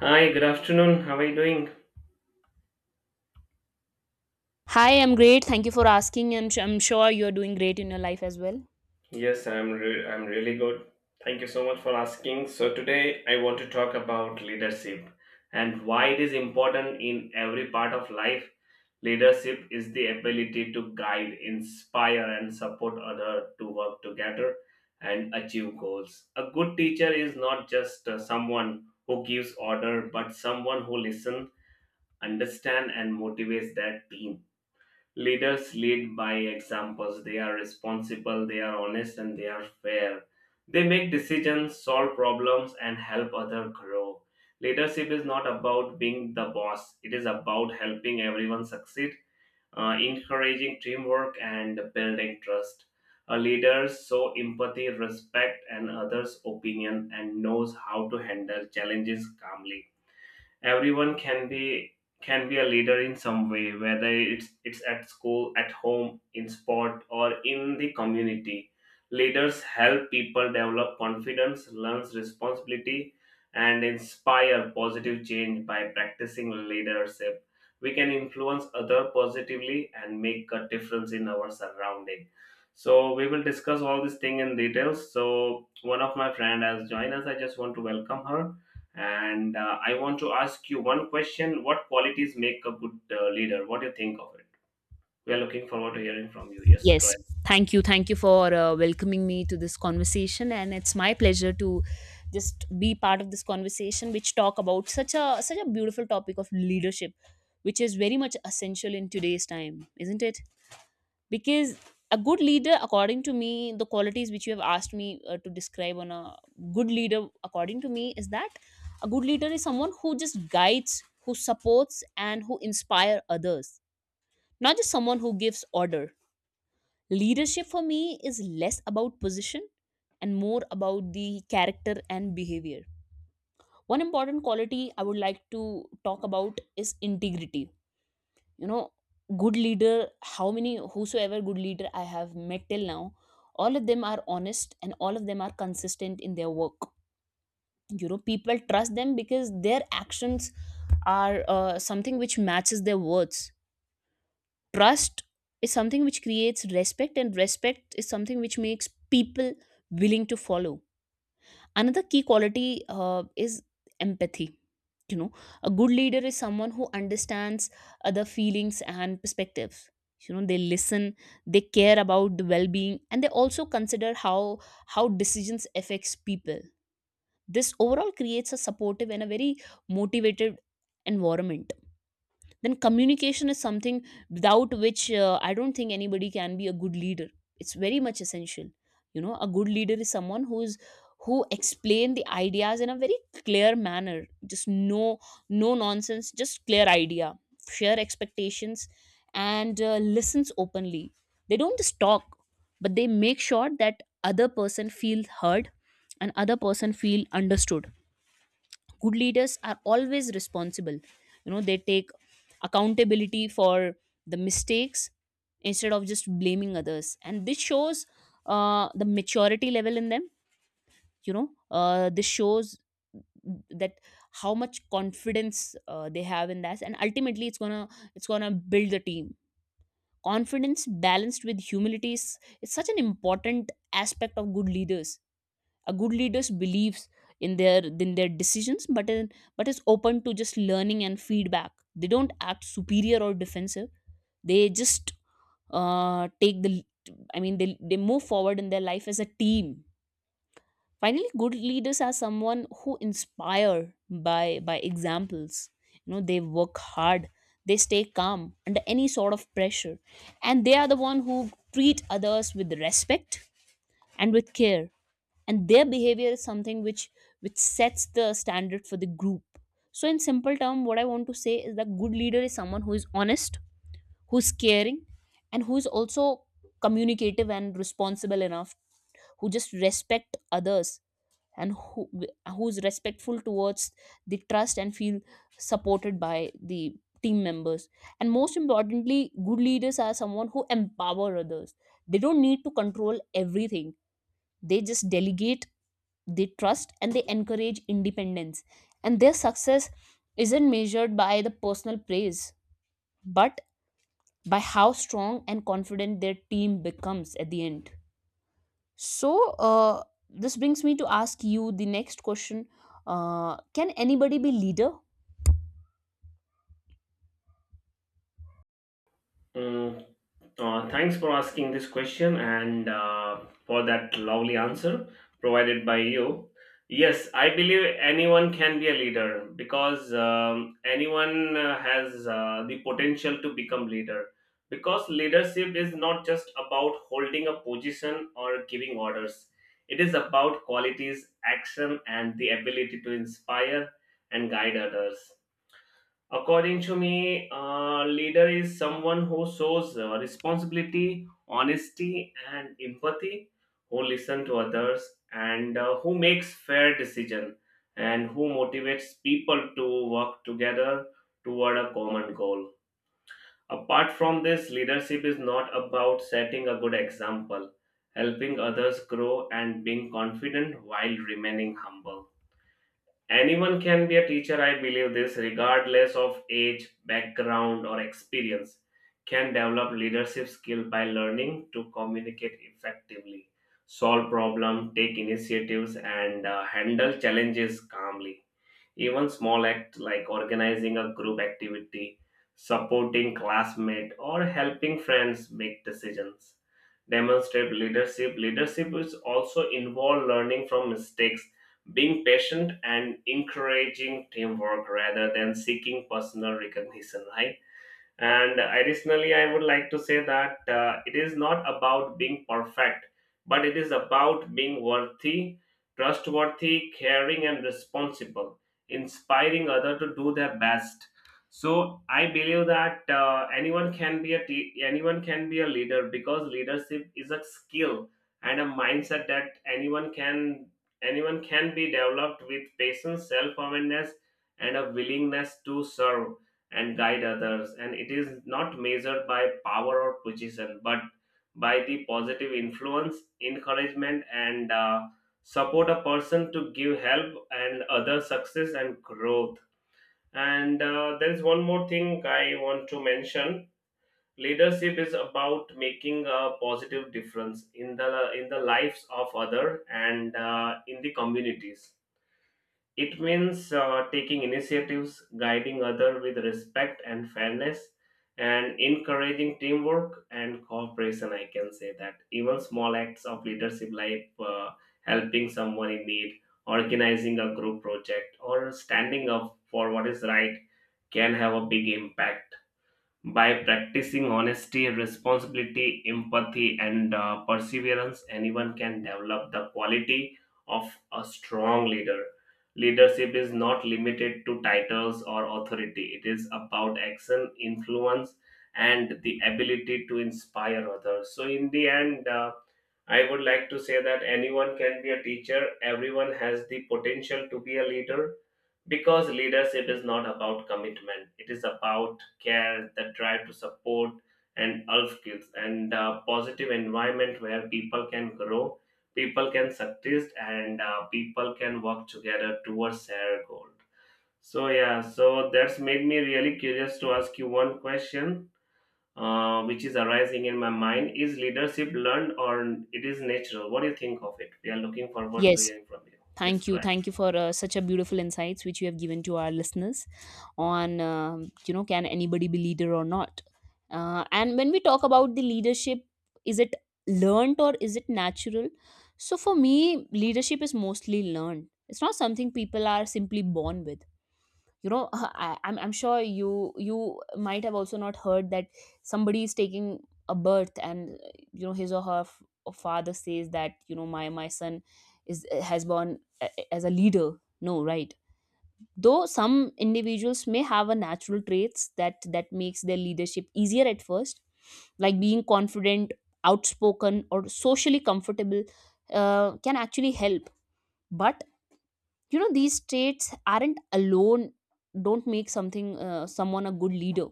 Hi, good afternoon. How are you doing? Hi, I'm great. Thank you for asking, and I'm sure you're doing great in your life as well. Yes, I'm really good. Thank you so much for asking. So today I want to talk about leadership and why it is important in every part of life. Leadership is the ability to guide, inspire and support others to work together and achieve goals. A good teacher is not just someone who gives order but someone who listens, understands, and motivates that team. Leaders lead by examples. They are responsible, they are honest, and they are fair. They make decisions, solve problems, and help others grow. Leadership is not about being the boss, it is about helping everyone succeed, encouraging teamwork, and building trust. A leader shows empathy, respect, and others' opinion and knows how to handle challenges calmly. Everyone can be a leader in some way, whether it's at school, at home, in sport, or in the community. Leaders help people develop confidence, learns responsibility, and inspire positive change. By practicing leadership, we can influence other positively and make a difference in our surrounding. So we will discuss all these thing in details. So one of my friend has joined us. I just want to welcome her, and I want to ask you one question: What qualities make a good leader? What do you think of it? We are looking forward to hearing from you. Yes, go Yes, ahead. thank you. Thank you for welcoming me to this conversation, and it's my pleasure to just be part of this conversation, which talk about such a beautiful topic of leadership, which is very much essential in today's time, isn't it? Because a good leader according to me, the qualities which you have asked me to describe on a good leader according to me is that a good leader is someone who just guides, who supports, and who inspire others, not just someone who gives order. Leadership for me is less about position and more about the character and behavior. One important quality I would like to talk about is integrity. You know, good leader, how many whosoever good leader I have met till now, all of them are honest and all of them are consistent in their work. You know, people trust them because their actions are something which matches their words. Trust is something which creates respect, and respect is something which makes people willing to follow. Another key quality is empathy. You know, a good leader is someone who understands other feelings and perspectives. You know, they listen, they care about the well-being, and they also consider how decisions affects people. This overall creates a supportive and a very motivated environment. Then communication is something without which I don't think anybody can be a good leader. It's very much essential. You know, a good leader is someone who is, who explain the ideas in a very clear manner, just no nonsense, just clear idea, share expectations, and listens openly. They don't just talk, but they make sure that other person feel heard and other person feel understood. Good leaders are always responsible. You know, they take accountability for the mistakes instead of just blaming others, and this shows the maturity level in them. You know, this shows that how much confidence they have in that, and ultimately it's gonna build the team. Confidence balanced with humility is such an important aspect of good leaders. A good leaders believes in their in their decisions, but is open to just learning and feedback. They don't act superior or defensive. They just take the, they move forward in their life as a team. Finally, good leaders are someone who inspire by examples. You know, they work hard, they stay calm under any sort of pressure, and they are the one who treat others with respect and with care, and their behavior is something which sets the standard for the group. So in simple term, what I want to say is that good leader is someone who is honest, who's caring, and who's also communicative and responsible enough, who just respect others, and who's respectful towards the trust and feel supported by the team members. And most importantly, good leaders are someone who empower others. They don't need to control everything. They just delegate, they trust, and they encourage independence. And their success isn't measured by the personal praise, but by how strong and confident their team becomes at the end. So this brings me to ask you the next question: can anybody be leader? Mm, Thanks for asking this question and for that lovely answer provided by you. Yes, I believe anyone can be a leader because anyone has the potential to become leader. Because leadership is not just about holding a position or giving orders. It is about qualities, action, and the ability to inspire and guide others. According to me, a leader is someone who shows responsibility, honesty, and empathy, who listen to others, and who makes fair decision, and who motivates people to work together toward a common goal. Apart from this, leadership is not about setting a good example, helping others grow, and being confident while remaining humble. Anyone can be a teacher, I believe this, regardless of age, background, or experience, can develop leadership skill by learning to communicate effectively, solve problems, take initiatives, and handle challenges calmly. Even small acts like organizing a group activity, supporting classmates, or helping friends make decisions demonstrate leadership. Leadership is also involve learning from mistakes, being patient, and encouraging teamwork rather than seeking personal recognition, right? And additionally, I would like to say that it is not about being perfect, but it is about being worthy, trustworthy, caring, and responsible, inspiring others to do their best. So I believe that anyone can be a leader because leadership is a skill and a mindset that anyone can be developed with patience, self awareness, and a willingness to serve and guide others, and it is not measured by power or position but by the positive influence, encouragement, and support a person to give help and other success and growth. And there is one more thing I want to mention. Leadership is about making a positive difference in the lives of other and in the communities. It means taking initiatives, guiding others with respect and fairness, and encouraging teamwork and cooperation. I can say that even small acts of leadership, like helping someone in need, organizing a group project, or standing up for what is right, can have a big impact. By practicing honesty, responsibility, empathy, and perseverance, anyone can develop the quality of a strong leader. Leadership is not limited to titles or authority, it is about action, influence, and the ability to inspire others. So, in the end, I would like to say that anyone can be a teacher, everyone has the potential to be a leader because leadership is not about commitment, it is about care, the drive to support and health skills, and positive environment where people can grow, people can succeed, and people can work together towards their goal. So yeah, so that's made me really curious to ask you one question, which is arising in my mind: is leadership learned or it is natural? What do you think of it? We are looking forward to Yes, hearing from you. Yes, thank go you. ahead. Thank you for such a beautiful insights which you have given to our listeners on, you know, can anybody be leader or not? And when we talk about the leadership, is it learned or is it natural? So for me, leadership is mostly learned. It's not something people are simply born with, you know. I'm sure you you might have also not heard that somebody is taking a birth and you know, his or her father says that, you know, my son is has born as a leader. No, right? Though some individuals may have a natural traits that makes their leadership easier at first, like being confident, outspoken, or socially comfortable, can actually help. But you know, these traits aren't alone, don't make something someone a good leader.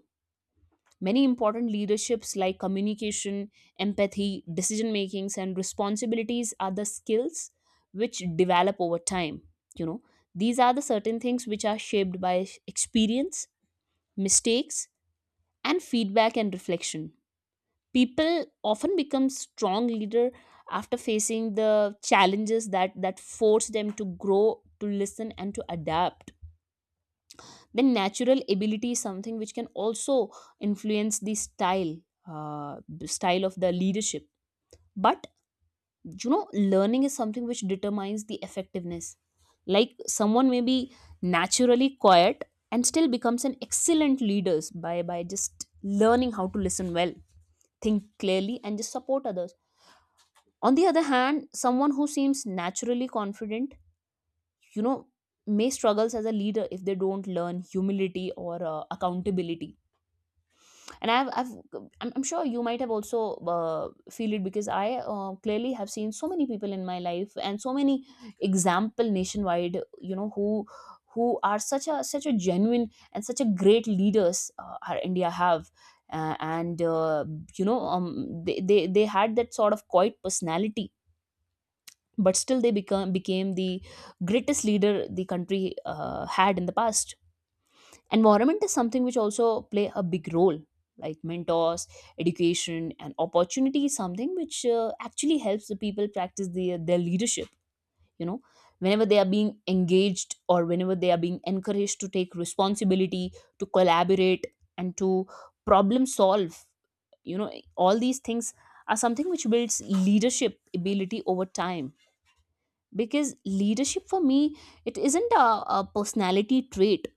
Many important leaderships like communication, empathy, decision makings, and responsibilities are the skills which develop over time. You know, these are the certain things which are shaped by experience, mistakes, and feedback and reflection. People often become strong leader after facing the challenges that force them to grow, to listen, and to adapt. Then natural ability is something which can also influence the style, the style of the leadership. But you know, learning is something which determines the effectiveness. Like someone may be naturally quiet and still becomes an excellent leader by just learning how to listen well, think clearly, and just support others. On the other hand, someone who seems naturally confident, you know, may struggles as a leader if they don't learn humility or accountability. And I'm sure you might have also uh, feel it, because I clearly have seen so many people in my life and so many example nationwide, you know, who are such a genuine and such a great leaders our India have. And you know, they had that sort of quiet personality, but still they become became the greatest leader the country had in the past. Environment is something which also play a big role, like mentors, education, and opportunity is something which actually helps the people practice their leadership. You know, whenever they are being engaged or whenever they are being encouraged to take responsibility, to collaborate, and to problem solve, you know, all these things are something which builds leadership ability over time. Because leadership for me, it isn't a personality trait.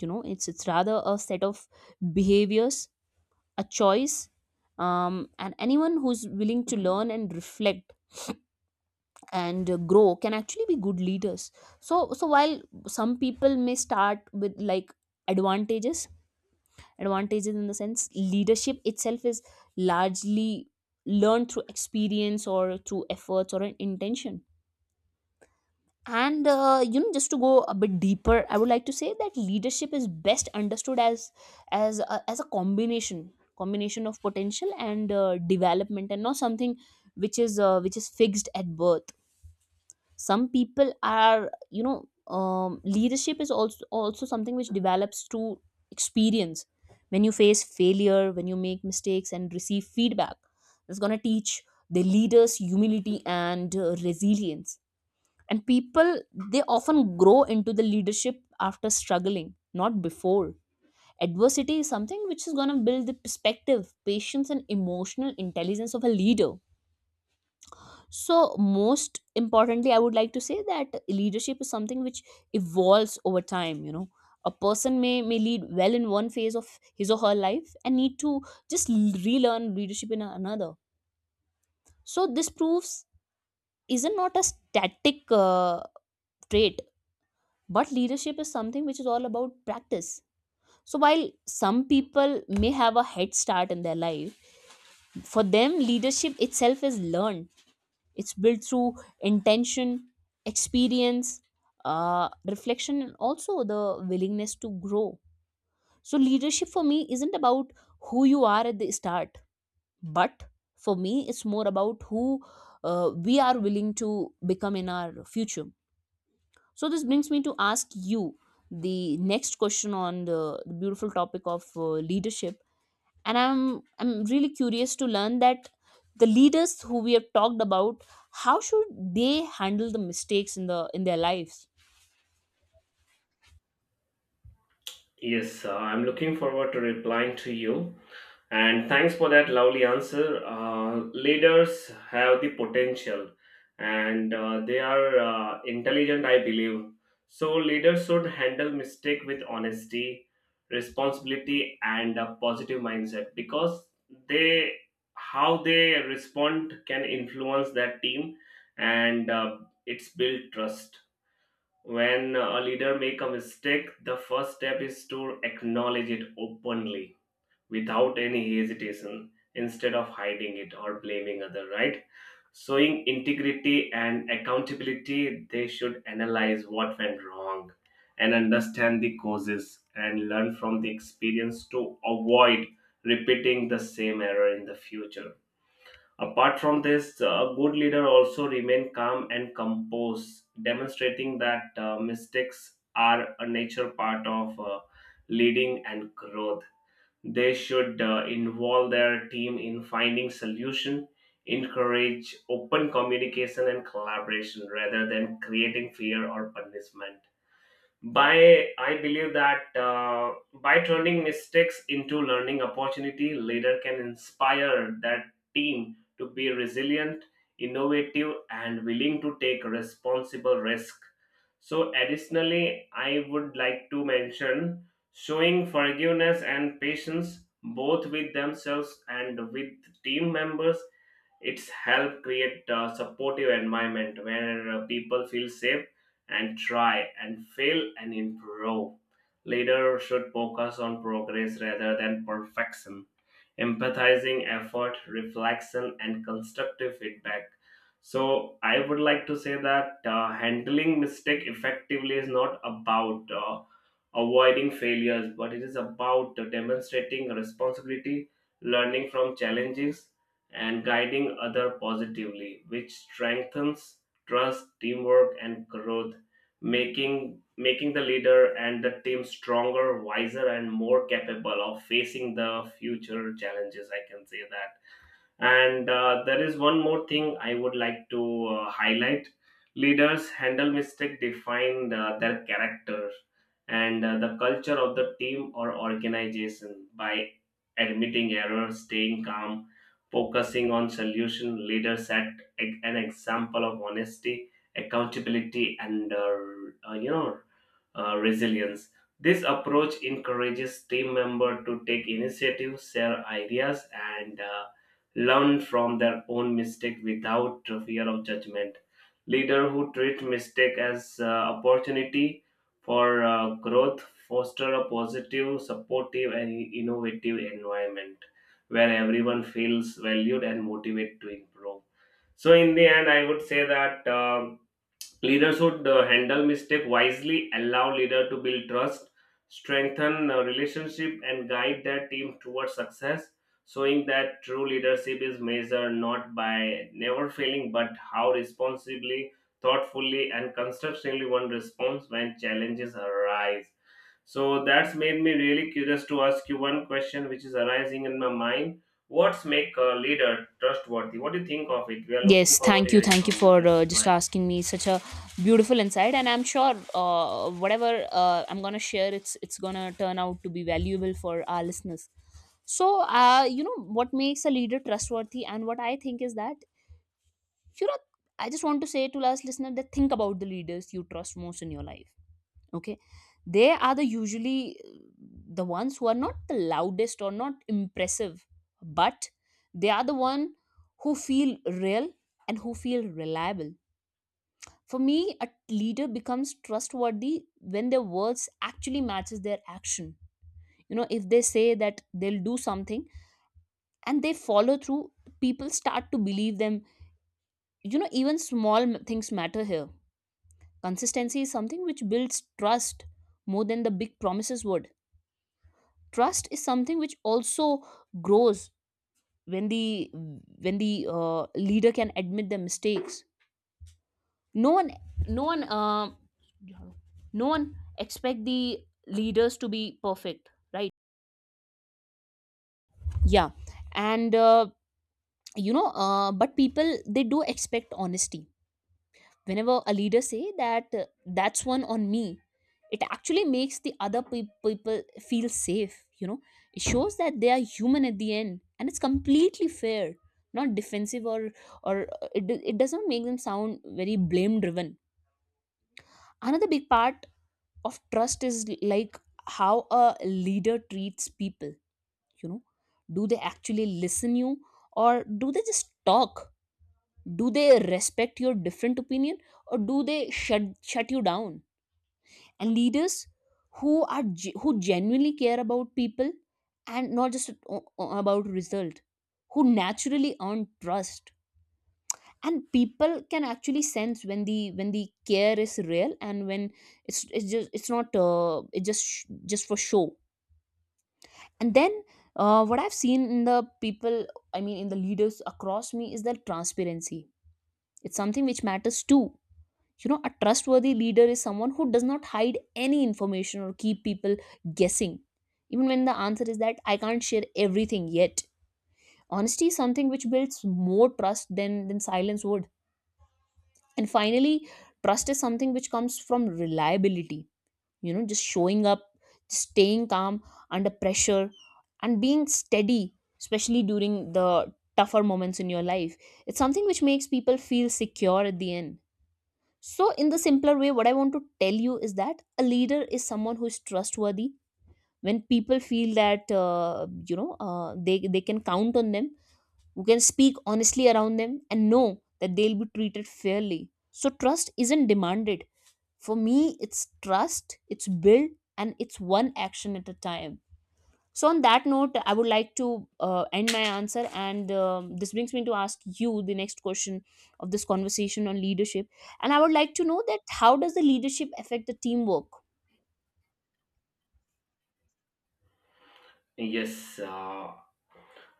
You know, it's rather a set of behaviors, a choice. And anyone who's willing to learn and reflect and grow can actually be good leaders. So while some people may start with like advantages, advantages in the sense leadership itself is largely learned through experience or through efforts or an intention. And you know, just to go a bit deeper, I would like to say that leadership is best understood as as a combination, combination of potential and development, and not something which is fixed at birth. Some people are, you know, leadership is also something which develops through experience. When you face failure, when you make mistakes and receive feedback, it's going to teach the leaders humility and resilience. And people, they often grow into the leadership after struggling, not before. Adversity is something which is going to build the perspective, patience, and emotional intelligence of a leader. So most importantly, I would like to say that leadership is something which evolves over time. You know, a person may lead well in one phase of his or her life and need to just relearn leadership in another. So this proves isn't not a static trait. But leadership is something which is all about practice. So while some people may have a head start in their life, for them leadership itself is learned. It's built through intention, experience, reflection, and also the willingness to grow. So leadership for me isn't about who you are at the start, but for me it's more about who we are willing to become in our future. So this brings me to ask you the next question on the beautiful topic of leadership, and I'm really curious to learn that the leaders who we have talked about, how should they handle the mistakes in their lives? Yes, I'm looking forward to replying to you. And thanks for that lovely answer. Leaders have the potential and they are intelligent, I believe. So, leaders should handle mistake with honesty, responsibility, and a positive mindset because they, how they respond can influence that team, and it's build trust. When a leader make a mistake, the first step is to acknowledge it openly without any hesitation instead of hiding it or blaming other, right? Showing integrity and accountability, they should analyze what went wrong and understand the causes and learn from the experience to avoid repeating the same error in the future. Apart from this, a good leader also remain calm and composed, demonstrating that mistakes are a natural part of leading and growth. They should involve their team in finding solution, encourage open communication and collaboration rather than creating fear or punishment. By I believe that by turning mistakes into learning opportunity, leader can inspire that team to be resilient, innovative, and willing to take responsible risk. So additionally I would like to mention, showing forgiveness and patience both with themselves and with team members, it's helped create a supportive environment where people feel safe and try and fail and improve. Leaders should focus on progress rather than perfection, empathizing effort, reflection, and constructive feedback. So I would like to say that handling mistake effectively is not about avoiding failures, but it is about demonstrating responsibility, learning from challenges, and guiding other positively, which strengthens trust, teamwork, and growth, making the leader and the team stronger, wiser, and more capable of facing the future challenges. I can say that. And there is one more thing I would like to highlight. Leaders handle mistake define their character and the culture of the team or organization by admitting error, staying calm, focusing on solution. Leaders set an example of honesty, accountability, and uh, you know resilience. This approach encourages team member to take initiative, share ideas, and learn from their own mistake without fear of judgment. Leader who treat mistake as opportunity for growth foster a positive, supportive, and innovative environment where everyone feels valued and motivated to improve. So in the end, I would say that. Leader should handle mistake wisely, allow leader to build trust, strengthen relationship, and guide their team towards success, showing that true leadership is measured not by never failing, but how responsibly, thoughtfully, and constructively one responds when challenges arise. So that's made me really curious to ask you one question, which is arising in my mind. What's make a leader trustworthy? What do you think of it? We are looking Yes, forward to hearing thank you from you. for Yes, go just ahead. asking me such a beautiful insight, and I'm sure whatever I'm gonna share, it's gonna turn out to be valuable for our listeners. So, you know, what makes a leader trustworthy, and what I think is that, you know, I just want to say to last listener that think about the leaders you trust most in your life. Okay, they are the usually the ones who are not the loudest or not impressive, but they are the one who feel real and who feel reliable. For me, a leader becomes trustworthy when their words actually matches their action. You know, if they say that they'll do something and they follow through, people start to believe them. You know, even small things matter here. Consistency is something which builds trust more than the big promises would. Trust is something which also grows when the leader can admit their mistakes. No one, no one, uh, no one expect the leaders to be perfect, right? Yeah, and uh, but people they do expect honesty whenever a leader say that that's one on me. It actually makes the other people feel safe. It shows that they are human at the end and it's completely fair, not defensive or it, it does not make them sound very blame driven. Another big part of trust is, like, how a leader treats people you know do they actually listen you, or do they just talk? Do they respect your different opinion, or do they shut you down? And leaders who are who genuinely care about people and not just about result, who naturally earn trust. And people can actually sense when the care is real and when it's not, it just just for show. And then, what I've seen in the people, I mean in the leaders across me, is that transparency, it's something which matters too. You know, a trustworthy leader is someone who does not hide any information or keep people guessing, even when the answer is that I can't share everything yet. Honesty is something which builds more trust than silence would. And finally, trust is something which comes from reliability, you know, just showing up, staying calm under pressure, and being steady, especially during the tougher moments in your life. It's something which makes people feel secure at the end. So, in the simpler way, what I want to tell you is that a leader is someone who is trustworthy. When people feel that they can count on them, who can speak honestly around them, and know that they'll be treated fairly. So, trust isn't demanded. For me, it's trust. It's built, and it's one action at a time. So, on that note, I would like to end my answer, and this brings me to ask you the next question of this conversation on leadership. And I would like to know that how does the leadership affect the teamwork? Yes,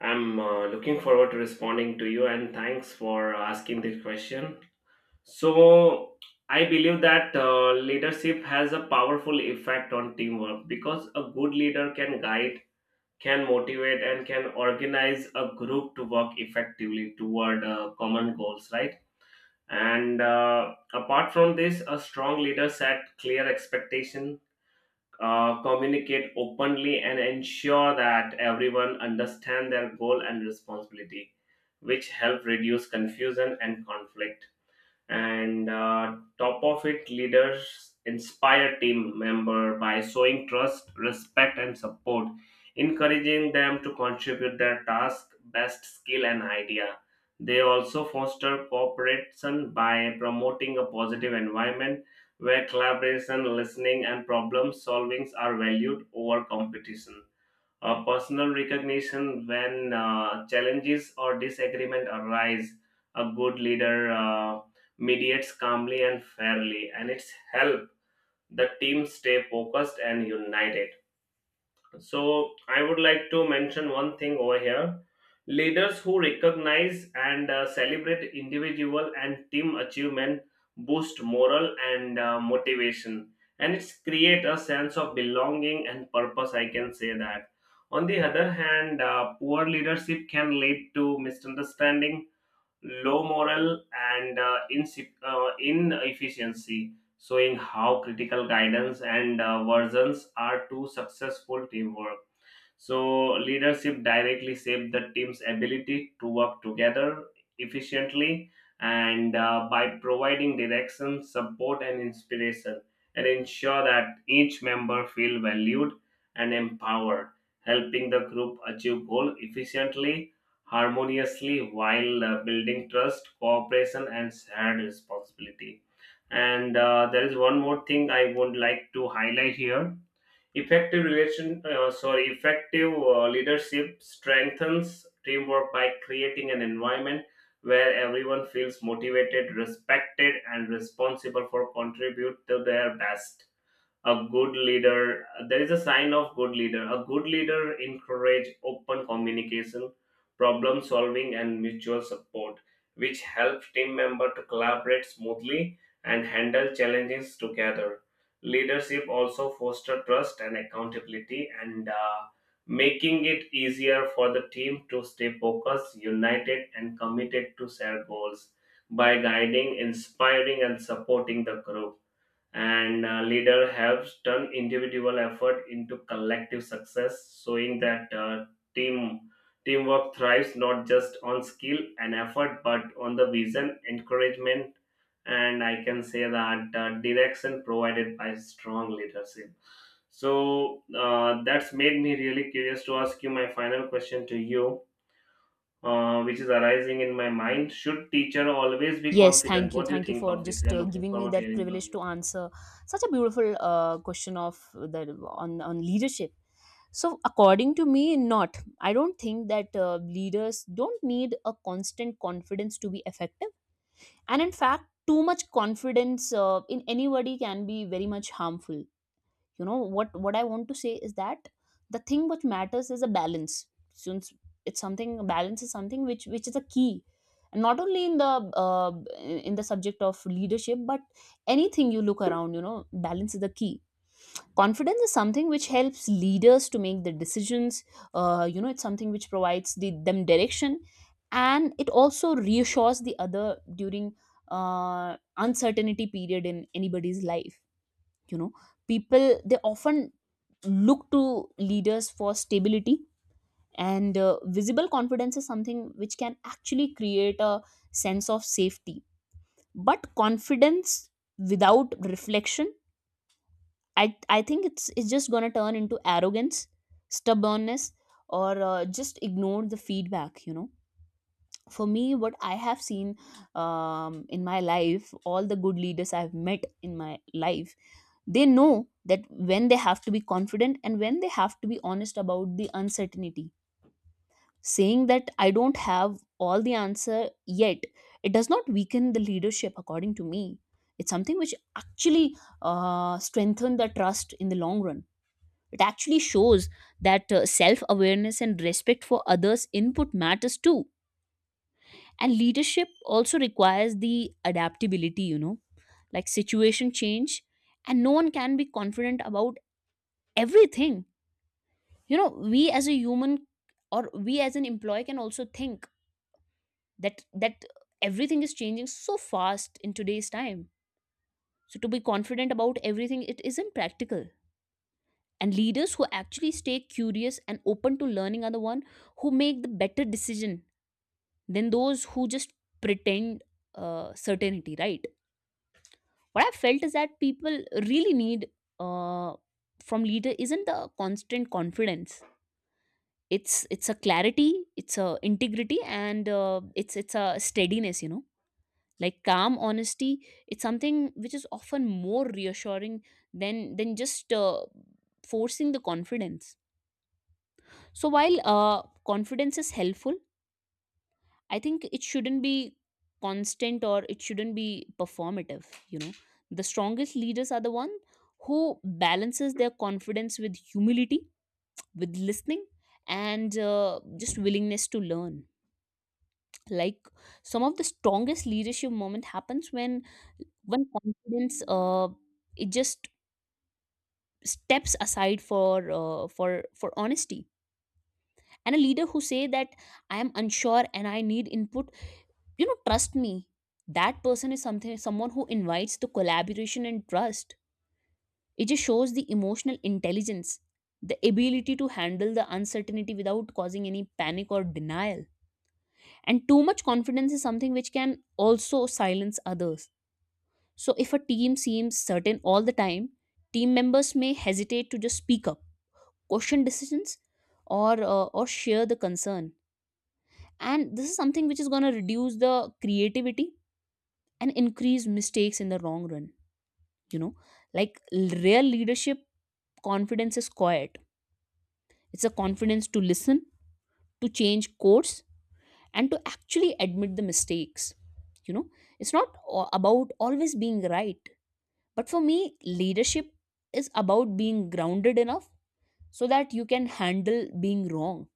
I'm looking forward to responding to you and thanks for asking this question. So, I believe that leadership has a powerful effect on teamwork because a good leader can guide, can motivate, and can organize a group to work effectively toward common goals, right? And apart from this, a strong leader set clear expectations, communicate openly and ensure that everyone understand their goal and responsibility, which help reduce confusion and conflict. And top of it, leaders inspire team member by showing trust, respect, and support, encouraging them to contribute their task, best skill, and idea. They also foster cooperation by promoting a positive environment where collaboration, listening, and problem solvings are valued over competition, personal recognition. When challenges or disagreement arise, a good leader mediates calmly and fairly, and it's help the team stay focused and united. So I would like to mention one thing over here. Leaders who recognize and celebrate individual and team achievement boost morale and motivation, and it's create a sense of belonging and purpose, I can say that. On the other hand, poor leadership can lead to misunderstanding, low morale, and inefficiency, showing how critical guidance and versions are to successful teamwork. So, leadership directly shape the team's ability to work together efficiently, and by providing direction, support, and inspiration, and ensure that each member feel valued and empowered, helping the group achieve goal efficiently, harmoniously while building trust, cooperation, and shared responsibility. And there is one more thing I would like to highlight here. Effective leadership strengthens teamwork by creating an environment where everyone feels motivated, respected, and responsible for contribute to their best. A good leader, there is a sign of good leader, a good leader encourage open communication, problem solving, and mutual support, which helps team member to collaborate smoothly and handle challenges together. Leadership also foster trust and accountability, and making it easier for the team to stay focused, united, and committed to shared goals by guiding, inspiring, and supporting the group. And leader have turned individual effort into collective success, showing that team teamwork thrives not just on skill and effort but on the vision, encouragement, and I can say that direction provided by strong leadership. So that's made me really curious to ask you my final question to you. Which is arising in my mind: should teacher always be Yes, confident? What do you thank you think for of it? We just are looking giving me forward to that hearing from privilege you. to answer such a beautiful question of the on leadership. So, according to me, not. I don't think that leaders don't need a constant confidence to be effective, and in fact too much confidence in anybody can be very much harmful. You know, what I want to say is that the thing which matters is a balance, since it's something, balance is something which is a key, and not only uh, in the subject of leadership but anything you look around, you know, balance is the key. Confidence is something which helps leaders to make the decisions. You know, it's something which provides the, them direction, and it also reassures the other during uncertainty period in anybody's life. You know, people, they often look to leaders for stability, and visible confidence is something which can actually create a sense of safety. But confidence without reflection, I I think it's just gonna turn into arrogance, stubbornness, or just ignore the feedback. You know, for me, what I have seen in my life, all the good leaders I've met in my life, they know that when they have to be confident and when they have to be honest about the uncertainty. Saying that I don't have all the answer yet, it does not weaken the leadership, according to me. It's something which actually strengthen the trust in the long run. It actually shows that self awareness and respect for others' input matters too. And leadership also requires the adaptability, you know, like situation change, and no one can be confident about everything. You know, we as a human, or we as an employee, can also think that everything is changing so fast in today's time. So to be confident about everything, it isn't practical. And leaders who actually stay curious and open to learning are the one who make the better decision than those who just pretend certainty, right? What I felt is that people really need, uh, from leader, isn't the constant confidence, it's a clarity, it's a integrity, and it's a steadiness, you know, like calm honesty. It's something which is often more reassuring than just forcing the confidence. So while confidence is helpful, I think it shouldn't be constant or it shouldn't be performative. You know, the strongest leaders are the one who balances their confidence with humility, with listening, and just willingness to learn. Like some of the strongest leadership moment happens when confidence, it just steps aside for for honesty. And a leader who say that I am unsure and I need input, you know, trust me, that person is something, someone who invites the collaboration and trust. It just shows the emotional intelligence, the ability to handle the uncertainty without causing any panic or denial. And too much confidence is something which can also silence others. So if a team seems certain all the time, team members may hesitate to just speak up, question decisions, or or share the concern. And this is something which is going to reduce the creativity and increase mistakes in the long run. You know, like, real leadership confidence is quiet. It's a confidence to listen, to change course, and to actually admit the mistakes. You know, it's not about always being right, but for me leadership is about being grounded enough so that you can handle being wrong.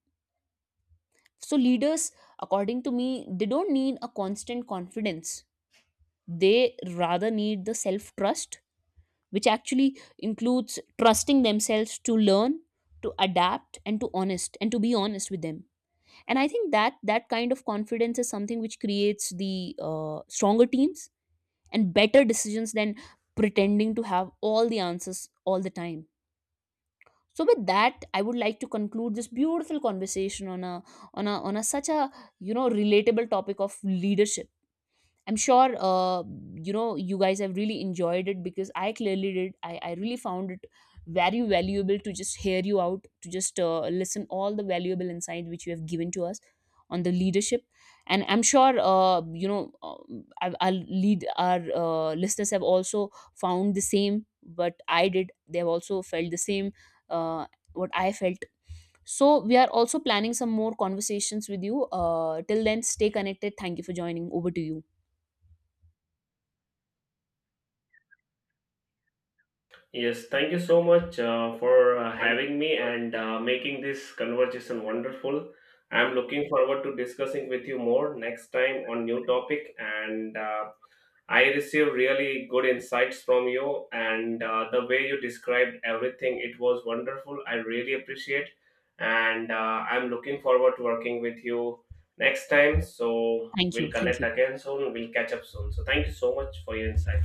So leaders, according to me, they don't need a constant confidence. They rather need the self trust, which actually includes trusting themselves to learn, to adapt, and to honest, and to be honest with them. And I think that kind of confidence is something which creates the stronger teams and better decisions than pretending to have all the answers all the time. So with that, I would like to conclude this beautiful conversation on a such a, you know, relatable topic of leadership. I'm sure you know, you guys have really enjoyed it because I clearly did. I really found it very valuable to just hear you out, to just listen all the valuable insights which you have given to us on the leadership. And I'm sure I'll lead our listeners have also found the same what I did. They have also felt the same, uh, what I felt. So we are also planning some more conversations with you. Till then, stay connected. Thank you for joining. Over to you. Yes, thank you so much for having me and making this conversation wonderful. I'm looking forward to discussing with you more next time on new topic, and I received really good insights from you, and the way you described everything, it was wonderful. I really appreciate, and I'm looking forward to working with you next time. So Thank we'll you. Thank connect you. again soon, we'll catch up soon. So thank you so much for your insight.